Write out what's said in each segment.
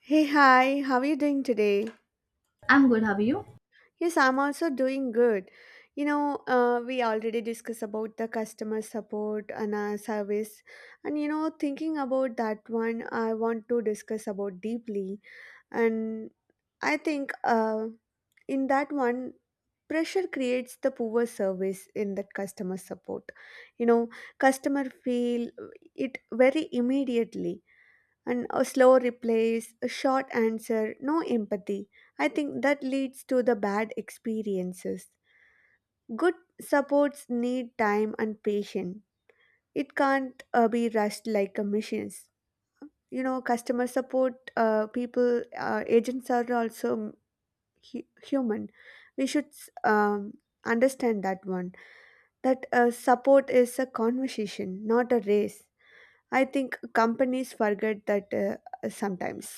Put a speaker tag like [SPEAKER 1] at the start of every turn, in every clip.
[SPEAKER 1] Hey, hi, how are you doing today?
[SPEAKER 2] I'm good. How are you?
[SPEAKER 1] Yes, I'm also doing good. You know, we already discussed about the customer support and our service. And, you know, thinking about that one, I want to discuss about deeply. And I think in that one, pressure creates the poor service in that customer support. You know, customer feel it very immediately and a slow replies, a short answer, no empathy. I think that leads to the bad experiences. Good supports need time and patience. It can't be rushed like a machines. You know, customer support people, agents are also human. We should um, understand that one. That support is a conversation, not a race. I think companies forget that sometimes.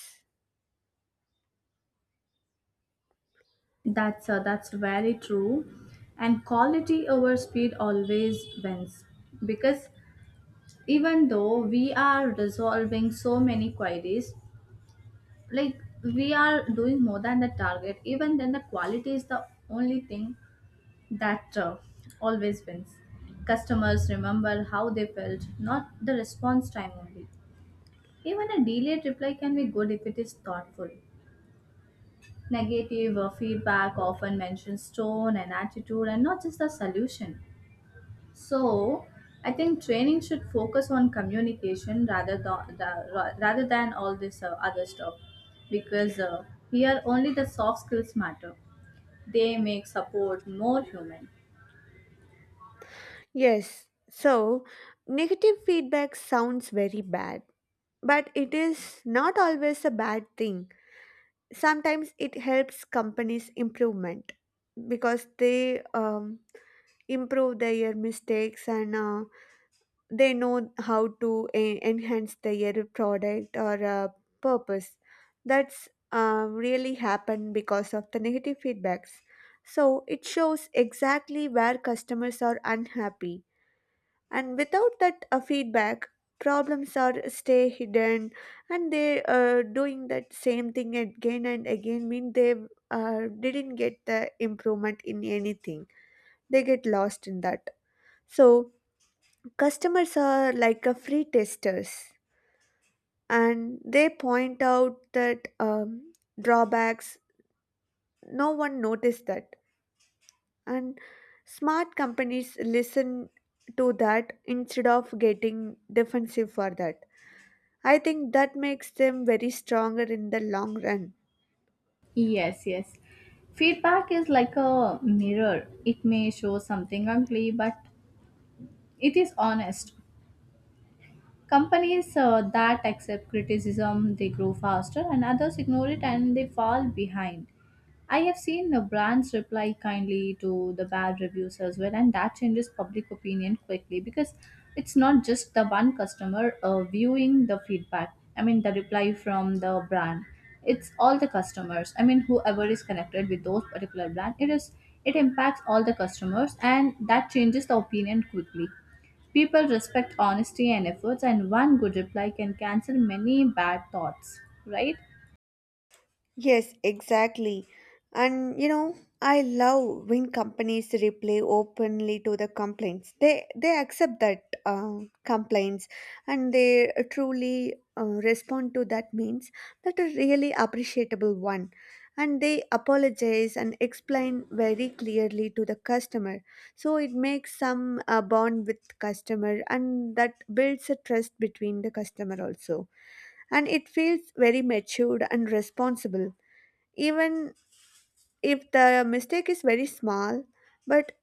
[SPEAKER 2] That's very true. And quality over speed always wins because even though we are resolving so many queries, like we are doing more than the target, even then the quality is the only thing that always wins. Customers remember how they felt, not the response time only. Even a delayed reply can be good if it is thoughtful. Negative feedback often mentions tone and attitude and not just the solution. So, I think training should focus on communication rather than all this other stuff, because here only the soft skills matter. They make support more human.
[SPEAKER 1] Yes, so negative feedback sounds very bad, but it is not always a bad thing. Sometimes it helps companies improvement because they improve their mistakes and they know how to enhance their product or purpose. That's really happened because of the negative feedbacks. So it shows exactly where customers are unhappy, and without that feedback, problems are stay hidden, and they doing that same thing again and again mean they didn't get the improvement in anything. They get lost in that. So customers are like a free testers, and they point out that drawbacks no one noticed that. And smart companies listen to that instead of getting defensive for that. I think that makes them very stronger in the long run.
[SPEAKER 2] Yes, yes. Feedback is like a mirror. It may show something ugly, but it is honest. Companies that accept criticism, they grow faster and others ignore it and they fall behind. I have seen brands reply kindly to the bad reviews as well, and that changes public opinion quickly because it's not just the one customer viewing the feedback. I mean, the reply from the brand. It's all the customers. I mean, whoever is connected with those particular brand, it impacts all the customers, and that changes the opinion quickly. People respect honesty and efforts, and one good reply can cancel many bad thoughts, right?
[SPEAKER 1] Yes, exactly. And you know, I love when companies reply openly to the complaints. They accept that complaints, and they truly respond to that means that a really appreciable one. And they apologize and explain very clearly to the customer. So it makes some bond with customer, and that builds a trust between the customer also. And it feels very matured and responsible, even if the mistake is very small. But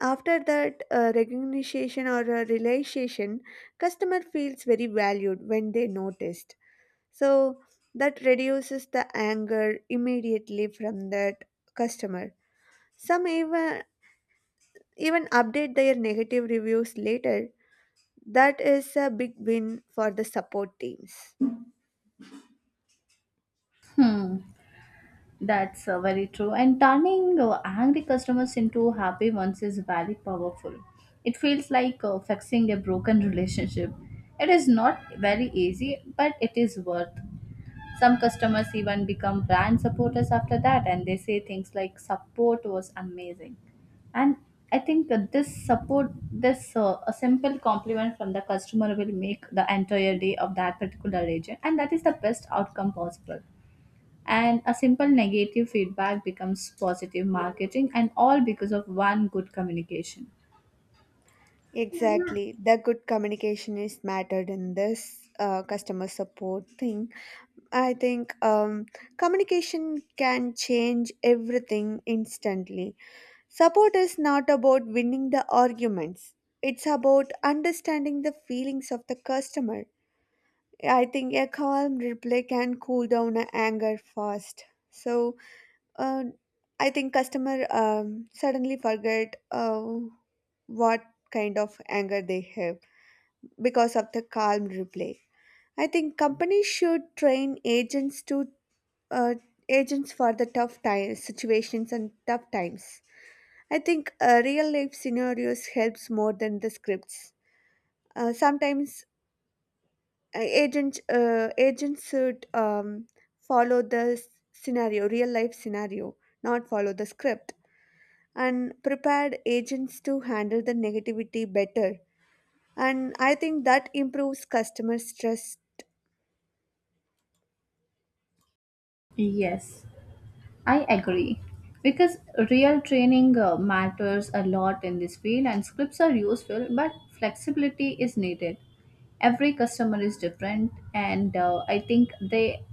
[SPEAKER 1] after that recognition or realization, customer feels very valued when they noticed. So that reduces the anger immediately from that customer. Some even update their negative reviews later. That is a big win for the support teams.
[SPEAKER 2] Hmm, that's very true. And turning angry customers into happy ones is very powerful. It feels like fixing a broken relationship. It is not very easy, but it is worth. Some customers even become brand supporters after that and they say things like support was amazing. And I think that this support, this a simple compliment from the customer will make the entire day of that particular agent, and that is the best outcome possible. And a simple negative feedback becomes positive marketing, and all because of one good communication.
[SPEAKER 1] Exactly, the good communication is mattered in this customer support thing. I think communication can change everything instantly. Support is not about winning the arguments, it's about understanding the feelings of the customer. I think a calm reply can cool down a anger fast. So, uh, I think customer suddenly forget what kind of anger they have because of the calm reply. I think companies should train agents to, uh, agents for the tough times, situations and tough times. I think real life scenarios helps more than the scripts. Sometimes agents should follow the scenario, real life scenario, not follow the script. And prepared agents to handle the negativity better. And I think that improves customer stress.
[SPEAKER 2] Yes. I agree. Because real training matters a lot in this field and scripts are useful, but flexibility is needed. Every customer is different, and I think they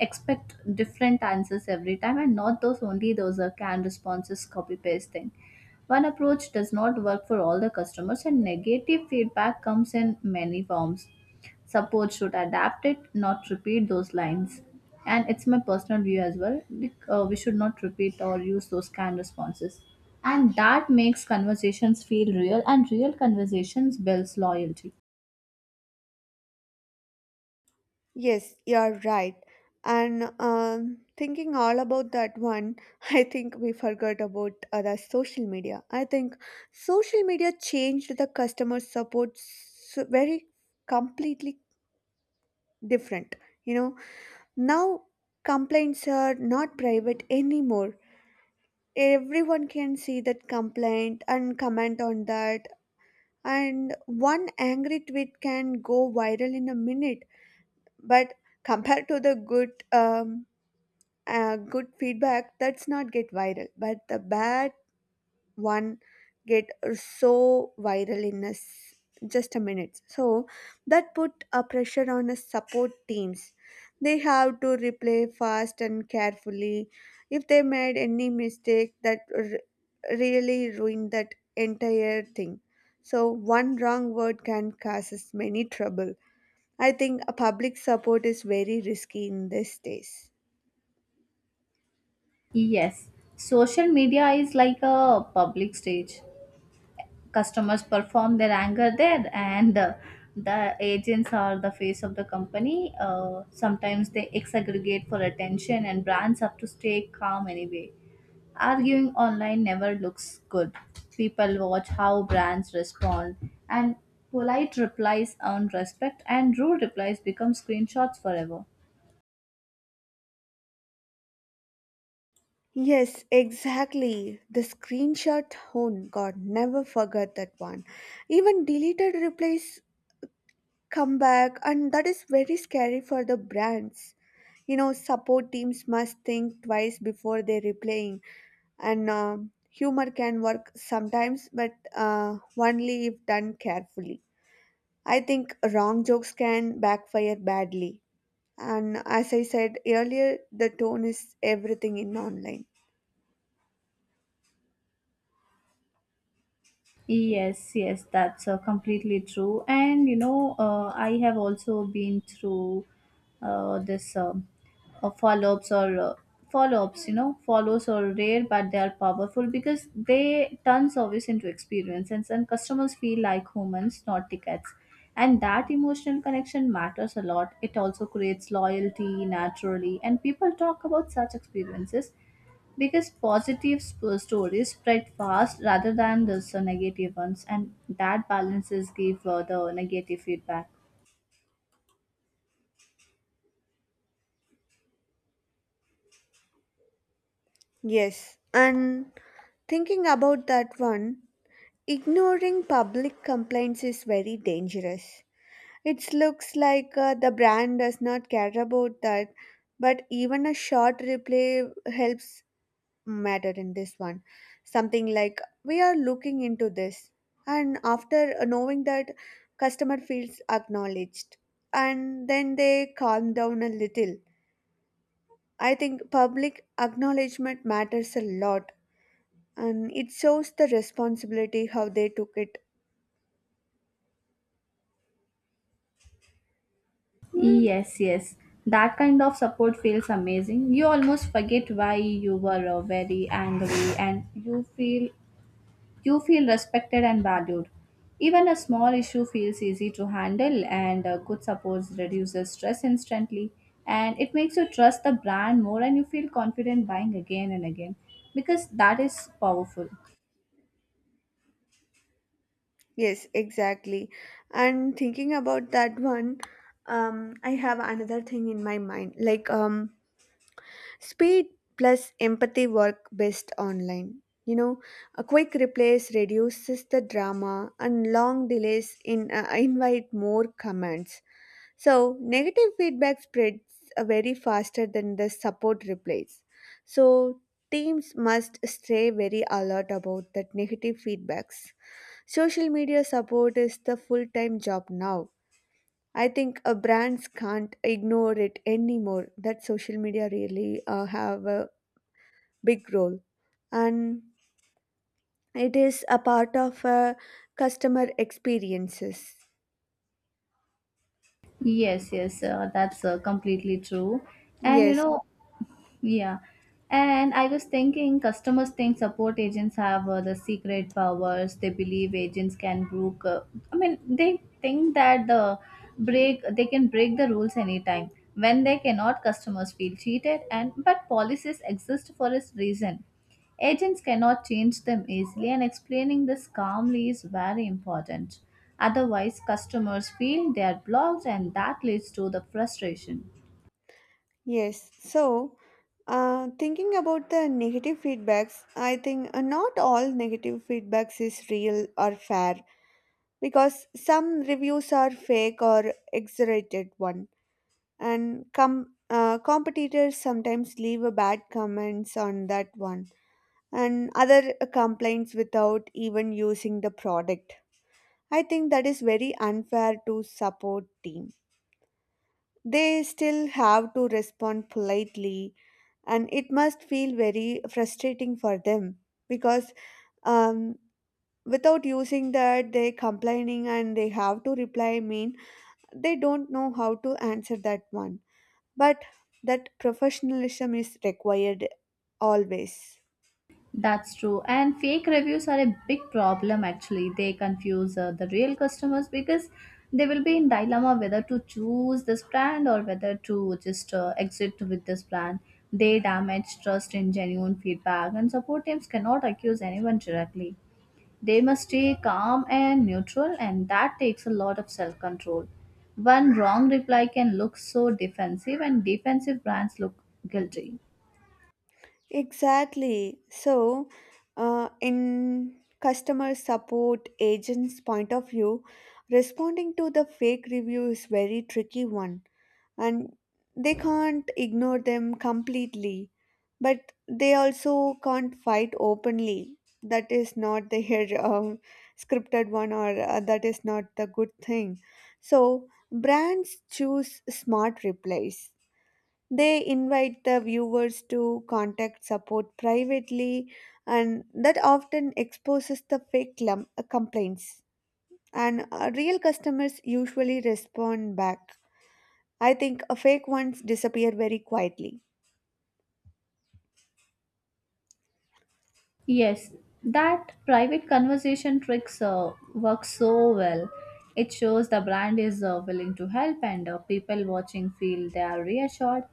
[SPEAKER 2] expect different answers every time and not those only those are canned responses copy paste thing. One approach does not work for all the customers, and negative feedback comes in many forms. Support should adapt it, not repeat those lines. And it's my personal view as well, we should not repeat or use those canned responses. And that makes conversations feel real, and real conversations builds loyalty.
[SPEAKER 1] Yes, you're right. And thinking all about that one, I think we forgot about the social media. I think social media changed the customer support so very completely different. You know, now complaints are not private anymore. Everyone can see that complaint and comment on that. And one angry tweet can go viral in a minute. But compared to the good good feedback, that's not get viral, but the bad one get so viral in us just a minute. So that put a pressure on us support teams. They have to replay fast and carefully. If they made any mistake, that really ruined that entire thing. So one wrong word can cause us many trouble. I think a public support is very risky in these days.
[SPEAKER 2] Yes, social media is like a public stage. Customers perform their anger there, and the agents are the face of the company. Sometimes they exaggerate for attention and brands have to stay calm anyway. Arguing online never looks good. People watch how brands respond, and polite replies earn respect and rude replies become screenshots forever.
[SPEAKER 1] Yes, exactly. The screenshot hone God never forget that one. Even deleted replies come back, and that is very scary for the brands. You know, support teams must think twice before they replaying, and humor can work sometimes but only if done carefully. I think wrong jokes can backfire badly. And as I said earlier, the tone is everything in online.
[SPEAKER 2] Yes, yes, that's completely true. And you know, I have also been through this follow-ups or follow-ups. You know, follows are rare, but they are powerful because they turn service into experience, and some customers feel like humans, not tickets. And that emotional connection matters a lot. It also creates loyalty naturally, and people talk about such experiences because positive stories spread fast rather than the so negative ones, and that balances give the negative feedback.
[SPEAKER 1] Yes, and thinking about that one, ignoring public complaints is very dangerous. It looks like the brand does not care about that, but even a short reply helps matter in this one. Something like, "We are looking into this." And after knowing that, customer feels acknowledged. And then they calm down a little. I think public acknowledgement matters a lot, and it shows the responsibility how they took it.
[SPEAKER 2] Yes, yes, that kind of support feels amazing. You almost forget why you were very angry and you feel. You feel respected and valued. Even a small issue feels easy to handle, and good support reduces stress instantly. And it makes you trust the brand more and you feel confident buying again and again because that is powerful.
[SPEAKER 1] Yes, exactly. And thinking about that one, I have another thing in my mind, like, speed plus empathy work best online, you know. A quick replace reduces the drama, and long delays in invite more comments. So, negative feedback spreads very faster than the support replies. So, teams must stay very alert about that negative feedbacks. Social media support is the full time job now. I think brands can't ignore it anymore. That social media really have a big role, and it is a part of customer experiences.
[SPEAKER 2] Yes, yes, that's completely true. And you
[SPEAKER 1] Yes,
[SPEAKER 2] know, yeah. And I was thinking customers think support agents have the secret powers. They believe agents can break I mean they think that they can break the rules anytime. When they cannot, customers feel cheated, and but policies exist for a reason. Agents cannot change them easily, and explaining this calmly is very important. Otherwise customers feel they are blocked and that leads to the frustration.
[SPEAKER 1] yes, so thinking about the negative feedbacks, I think not all negative feedbacks is real or fair, because some reviews are fake or exaggerated one, and competitors sometimes leave a bad comments on that one, and other complaints without even using the product. I think that is very unfair to support team. They still have to respond politely, and it must feel very frustrating for them, because um, without using that, they complaining, and they have to reply mean they don't know how to answer that one. But that professionalism is required always.
[SPEAKER 2] That's true. And fake reviews are a big problem actually. They confuse the real customers because they will be in dilemma whether to choose this brand or whether to just exit with this brand. They damage trust in genuine feedback, and support teams cannot accuse anyone directly. They must stay calm and neutral, and that takes a lot of self control. One wrong reply can look so defensive, and defensive brands look guilty.
[SPEAKER 1] Exactly. So, in customer support agent's point of view, responding to the fake review is very tricky one. And they can't ignore them completely, but they also can't fight openly. That is not their um, scripted one, or that is not the good thing. So brands choose smart replies. They invite the viewers to contact support privately, and that often exposes the fake complaints. And real customers usually respond back. I think a fake ones disappear very quietly.
[SPEAKER 2] Yes, that private conversation tricks work so well. It shows the brand is willing to help, and people watching feel they are reassured.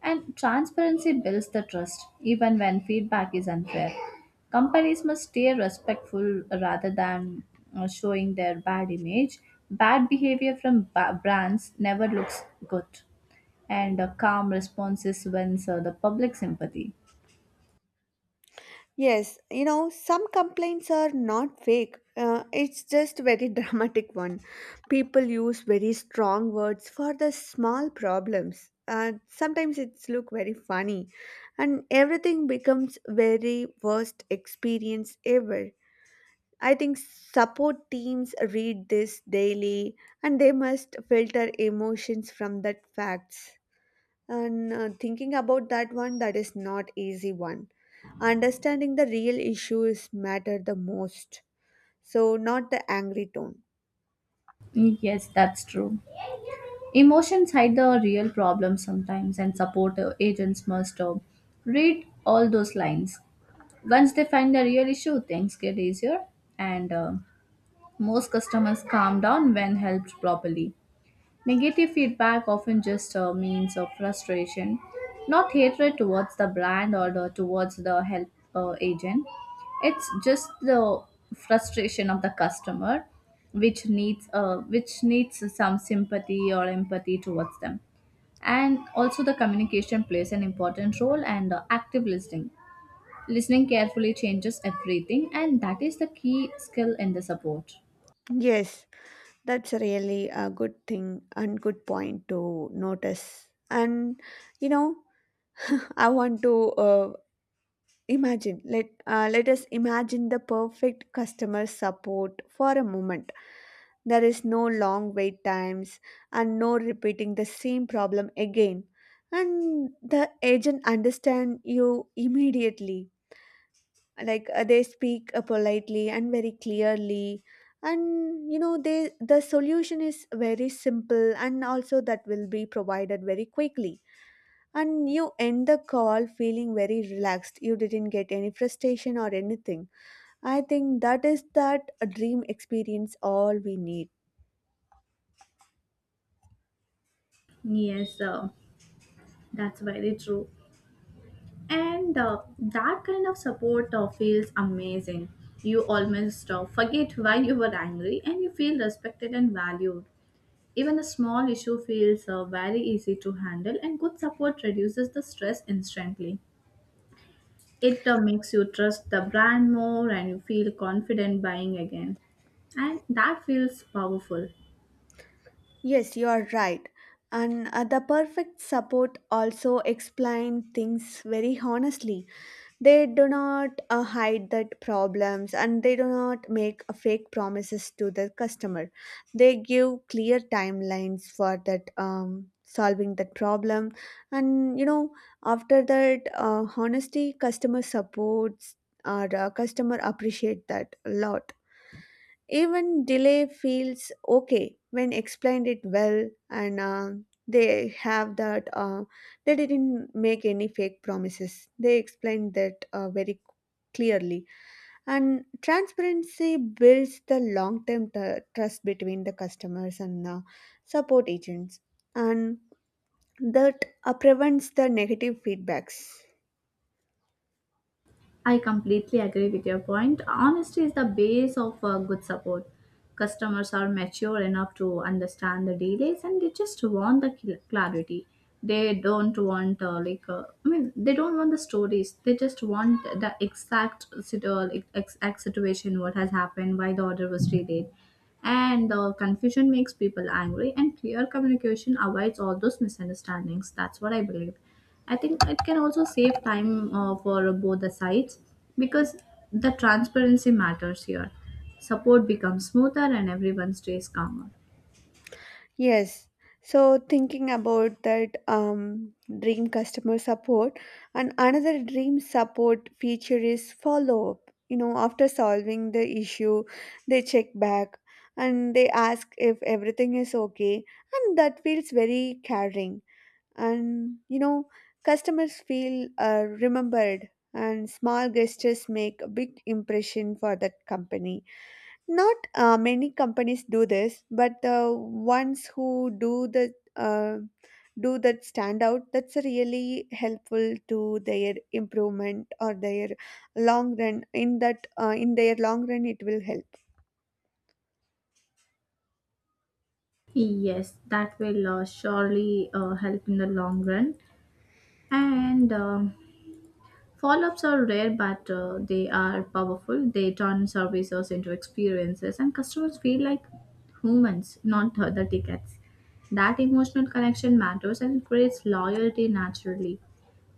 [SPEAKER 2] And transparency builds the trust even when feedback is unfair. Companies must stay respectful rather than showing their bad image. Bad behavior from brands never looks good, and a calm responses wins the public sympathy.
[SPEAKER 1] Yes, you know, some complaints are not fake. It's just very dramatic one. People use very strong words for the small problems. Sometimes it's look very funny, and everything becomes very worst experience ever. I think support teams read this daily, and they must filter emotions from that facts. And thinking about that one, that is not easy one. Understanding the real issues matter the most, so not the angry tone.
[SPEAKER 2] Yes, that's true. Emotions hide the real problem sometimes, and support agents must read all those lines. Once they find the real issue, things get easier, and most customers calm down when helped properly. Negative feedback often just means of frustration, not hatred towards the brand or the, towards the help agent. It's just the frustration of the customer, which needs some sympathy or empathy towards them. And also the communication plays an important role, and active listening, carefully changes everything, and that is the key skill in the support.
[SPEAKER 1] Yes, that's really a good thing and good point to notice. And you know, I want to imagine, let us imagine the perfect customer support for a moment. There is no long wait times and no repeating the same problem again. And the agent understand you immediately. Like they speak politely and very clearly. And you know, the solution is very simple, and also that will be provided very quickly. And you end the call feeling very relaxed. You didn't get any frustration or anything. I think that is that a dream experience all we need.
[SPEAKER 2] Yes, that's very true. And that kind of support feels amazing. You almost forget why you were angry and you feel respected and valued. Even a small issue feels very easy to handle, and good support reduces the stress instantly. It makes you trust the brand more and you feel confident buying again. And that feels powerful.
[SPEAKER 1] Yes, you are right. And the perfect support also explain things very honestly. They do not hide that problems, and they do not make a fake promises to the customer. They give clear timelines for that solving that problem. And you know, after that honesty, customer supports or customer appreciate that a lot. Even delay feels okay when explained it well, and they have that they didn't make any fake promises. They explained that very clearly. And transparency builds the long term trust between the customers and support agents. And that prevents the negative feedbacks.
[SPEAKER 2] I completely agree with your point. Honesty is the base of good support. Customers are mature enough to understand the delays and they just want the clarity. They don't want, I mean, they don't want the stories. They just want the exact situation, what has happened, why the order was delayed. And confusion makes people angry, and clear communication avoids all those misunderstandings. That's what I believe. I think it can also save time for both the sides because the transparency matters here. Support becomes smoother and everyone stays calmer.
[SPEAKER 1] Yes. So thinking about that dream customer support, and another dream support feature is follow up. You know, after solving the issue, they check back and they ask if everything is okay, and that feels very caring. And you know, customers feel remembered, and small gestures make a big impression for that company. Not many companies do this, but the ones who do the do that stand out. That's really helpful to their improvement or their long run. In that, in their long run, it will help.
[SPEAKER 2] Yes, that will surely help in the long run. And follow ups are rare, but they are powerful. They turn services into experiences, and customers feel like humans, not the tickets. That emotional connection matters and creates loyalty naturally.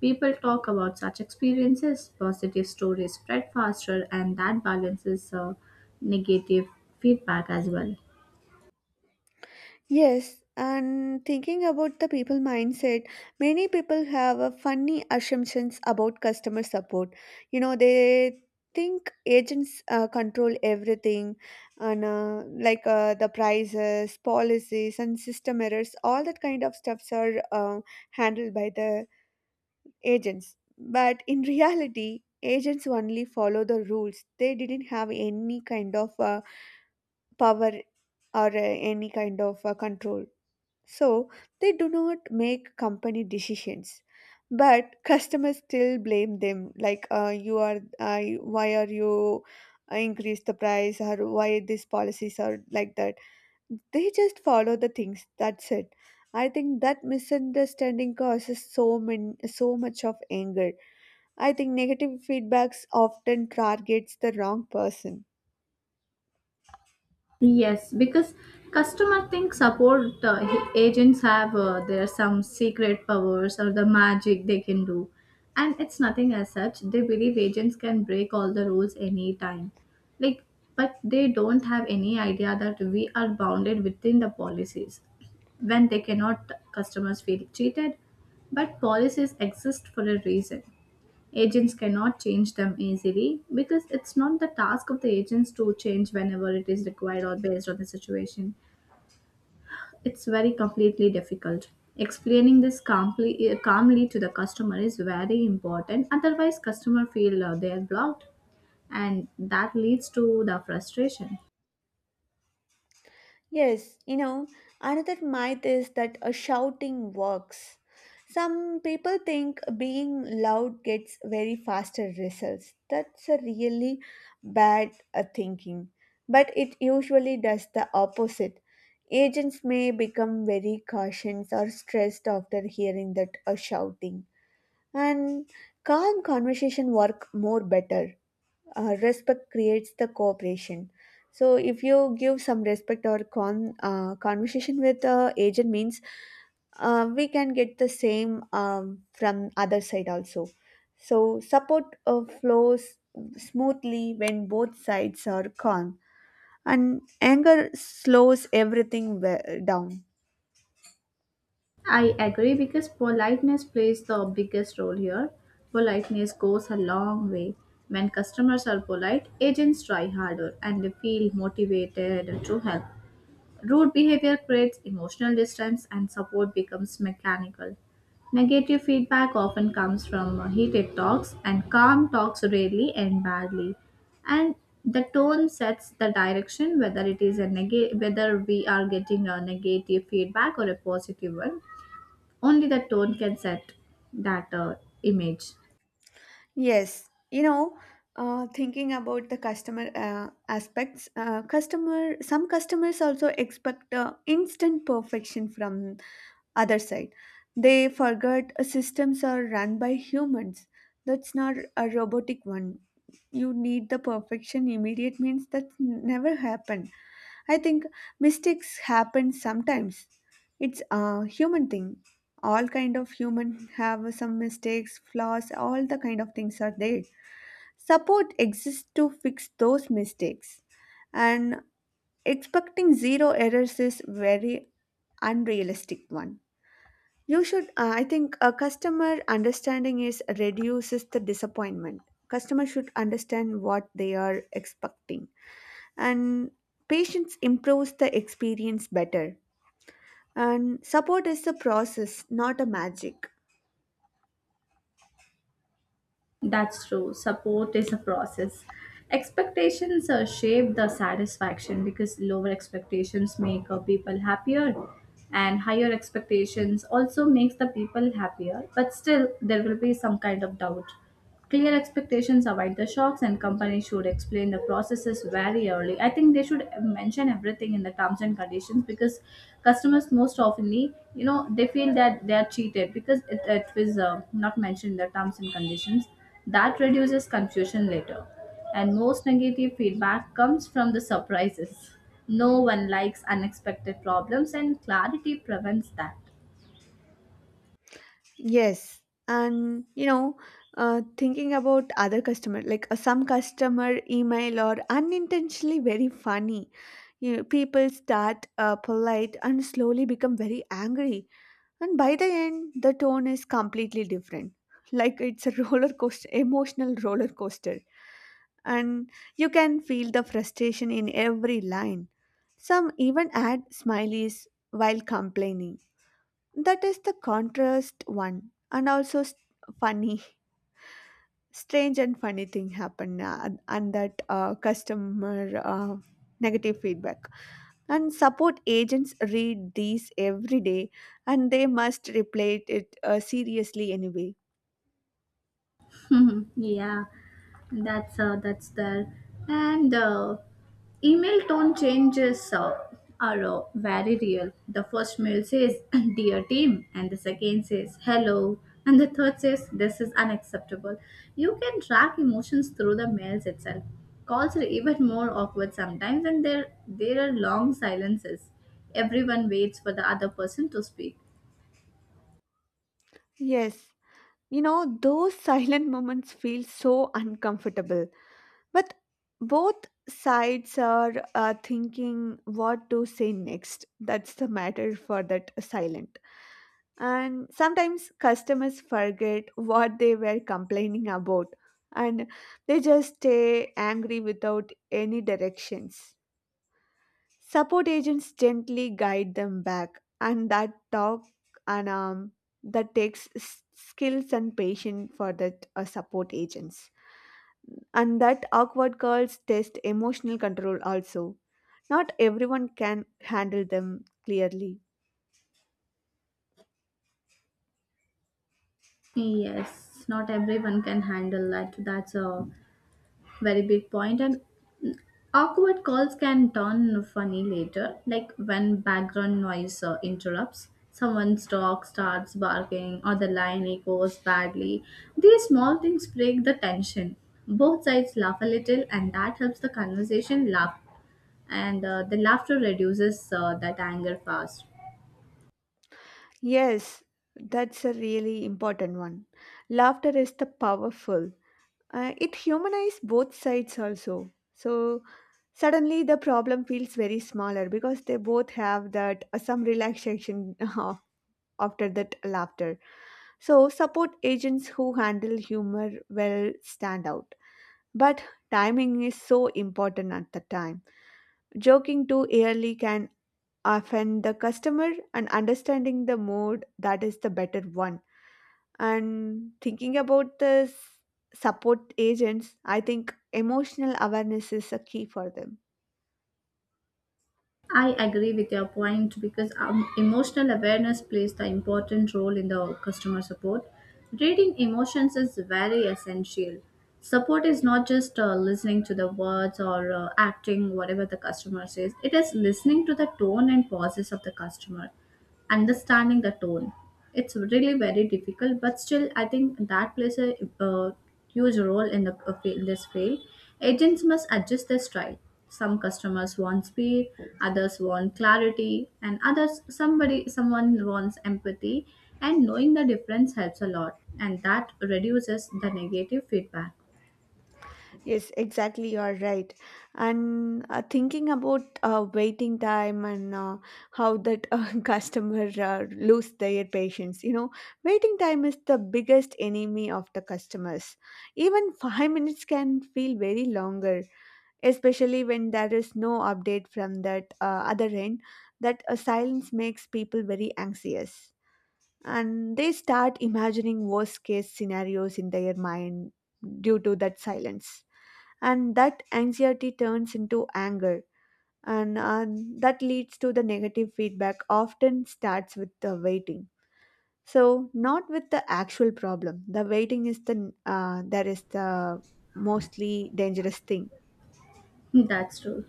[SPEAKER 2] People talk about such experiences, positive stories spread faster, and that balances negative feedback as well.
[SPEAKER 1] Yes, and thinking about the people mindset, many people have a funny assumptions about customer support. You know, they think agents control everything, and like the prices, policies, and system errors, all that kind of stuffs are handled by the agents. But in reality, agents only follow the rules. They didn't have any kind of power or any kind of control. So they do not make company decisions, but customers still blame them. Like you are, why are you increase the price or why these policies are like that? They just follow the things. That's it. I think that misunderstanding causes so much of anger. I think negative feedbacks often targets the wrong person.
[SPEAKER 2] Yes, because customer think support agents have there some secret powers or the magic they can do, and it's nothing as such. They believe agents can break all the rules anytime, like but they don't have any idea that we are bounded within the policies. When they cannot, customers feel cheated, but policies exist for a reason. Agents cannot change them easily because it's not the task of the agents to change whenever it is required or based on the situation. It's very completely difficult. Explaining this calmly, calmly to the customer is very important. Otherwise, customer feel they are blocked, and that leads to the frustration.
[SPEAKER 1] Yes, you know, another myth is that a shouting works. Some people think being loud gets very faster results. That's a really bad thinking. But it usually does the opposite. Agents may become very cautious or stressed after hearing that a shouting. And calm conversation work more better, respect creates the cooperation. So if you give some respect or conversation with agent means we can get the same from other side also. So support flows smoothly when both sides are calm, and anger slows down.
[SPEAKER 2] I agree because politeness plays the biggest role here. Politeness goes a long way. When customers are polite, agents try harder and they feel motivated to help. Rude behavior creates emotional distance and support becomes mechanical. Negative feedback often comes from heated talks, and calm talks rarely end badly. And the tone sets the direction whether it is a whether we are getting a negative feedback or a positive one. Only the tone can set that image.
[SPEAKER 1] Yes, you know, thinking about the customer aspects, customer some customers also expect instant perfection from other side. They forget systems are run by humans. That's not a robotic one. You need the perfection immediate means that never happened. I think mistakes happen sometimes. It's a human thing. All kind of human have some mistakes, flaws, all the kind of things are there. Support exists to fix those mistakes, and expecting zero errors is very unrealistic one. You should, I think a customer understanding is reduces the disappointment. Customer should understand what they are expecting, and patience improves the experience better, and support is a process, not a magic.
[SPEAKER 2] That's true. Support is a process. Expectations shape the satisfaction because lower expectations make people happier, and higher expectations also makes the people happier, but still there will be some kind of doubt. Clear expectations avoid the shocks, and companies should explain the processes very early. I think they should mention everything in the terms and conditions because customers most oftenly, you know, they feel that they are cheated because it was not mentioned in the terms and conditions. That reduces confusion later. And most negative feedback comes from the surprises. No one likes unexpected problems, and clarity prevents that.
[SPEAKER 1] Yes, and you know, thinking about other customer, like some customer email or unintentionally very funny. You know, people start polite and slowly become very angry, and by the end, the tone is completely different. Like it's a roller coaster, emotional roller coaster, and you can feel the frustration in every line. Some even add smileys while complaining. That is the contrast one, and also s funny, strange and funny thing happened, and that customer negative feedback. And support agents read these every day, and they must reply it seriously anyway.
[SPEAKER 2] Yeah, and that's there. And email tone changes are very real. The first mail says, "Dear team," and the second says, "Hello," and the third says, "This is unacceptable." You can track emotions through the mails itself. Calls are even more awkward sometimes, and there are long silences. Everyone waits for the other person to speak.
[SPEAKER 1] Yes, you know those silent moments feel so uncomfortable, but both sides are thinking what to say next. That's the matter for that silent. And sometimes customers forget what they were complaining about, and they just stay angry without any directions. Support agents gently guide them back and that talk, and that takes skills and patience for that support agents, and that awkward calls test emotional control also. Not everyone can handle them clearly.
[SPEAKER 2] Yes, not everyone can handle that. That's a very big point, and awkward calls can turn funny later, like when background noise interrupts, someone's dog starts barking or the line echoes badly. These small things break the tension. Both sides laugh a little, and that helps the conversation laugh. And the laughter reduces that anger fast.
[SPEAKER 1] Yes, that's a really important one. Laughter is the powerful. It humanizes both sides also. So suddenly the problem feels very smaller because they both have that some relaxation after that laughter. So support agents who handle humor will stand out. But timing is so important at the time. Joking too early can offend the customer, and understanding the mood, that is the better one. And thinking about this support agents, I think emotional awareness is a key for them.
[SPEAKER 2] I agree with your point because emotional awareness plays the important role in the customer support. Reading emotions is very essential. Support is not just listening to the words or acting whatever the customer says. It is listening to the tone and pauses of the customer, understanding the tone. It's really very difficult, but still, I think that plays a, uh huge role in the this field. Agents must adjust their style. Some customers want speed, others want clarity, and others somebody someone wants empathy. And knowing the difference helps a lot, and that reduces the negative feedback.
[SPEAKER 1] Yes, exactly. You're right. And thinking about waiting time and how that customer lose their patience. You know, waiting time is the biggest enemy of the customers. Even 5 minutes can feel very longer, especially when there is no update from that other end. That a silence makes people very anxious, and they start imagining worst case scenarios in their mind due to that silence, and that anxiety turns into anger, and that leads to the negative feedback often starts with the waiting. So not with the actual problem, the waiting is the that is the mostly dangerous thing.
[SPEAKER 2] That's true.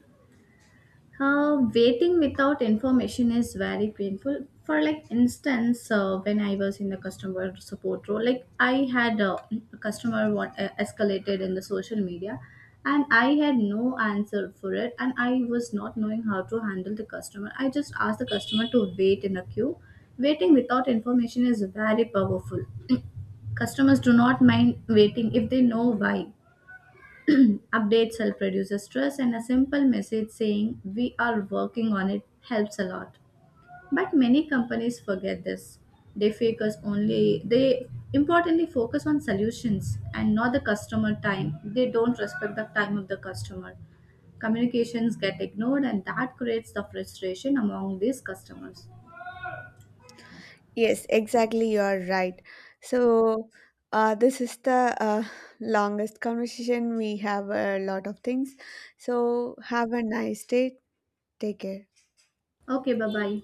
[SPEAKER 2] Waiting without information is very painful. For like instance, when I was in the customer support role, like I had a customer what escalated in the social media, and I had no answer for it, and I was not knowing how to handle the customer. I just asked the customer to wait in a queue. Waiting without information is very powerful. Customers do not mind waiting if they know why. Updates help reduce stress, and a simple message saying, "We are working on it," helps a lot. But many companies forget this. They importantly focus on solutions and not the customer time. They don't respect the time of the customer. Communications get ignored, and that creates the frustration among these customers.
[SPEAKER 1] Yes, exactly. You are right. So, this is the longest conversation. We have a lot of things. So, have a nice day. Take care.
[SPEAKER 2] Okay, bye bye.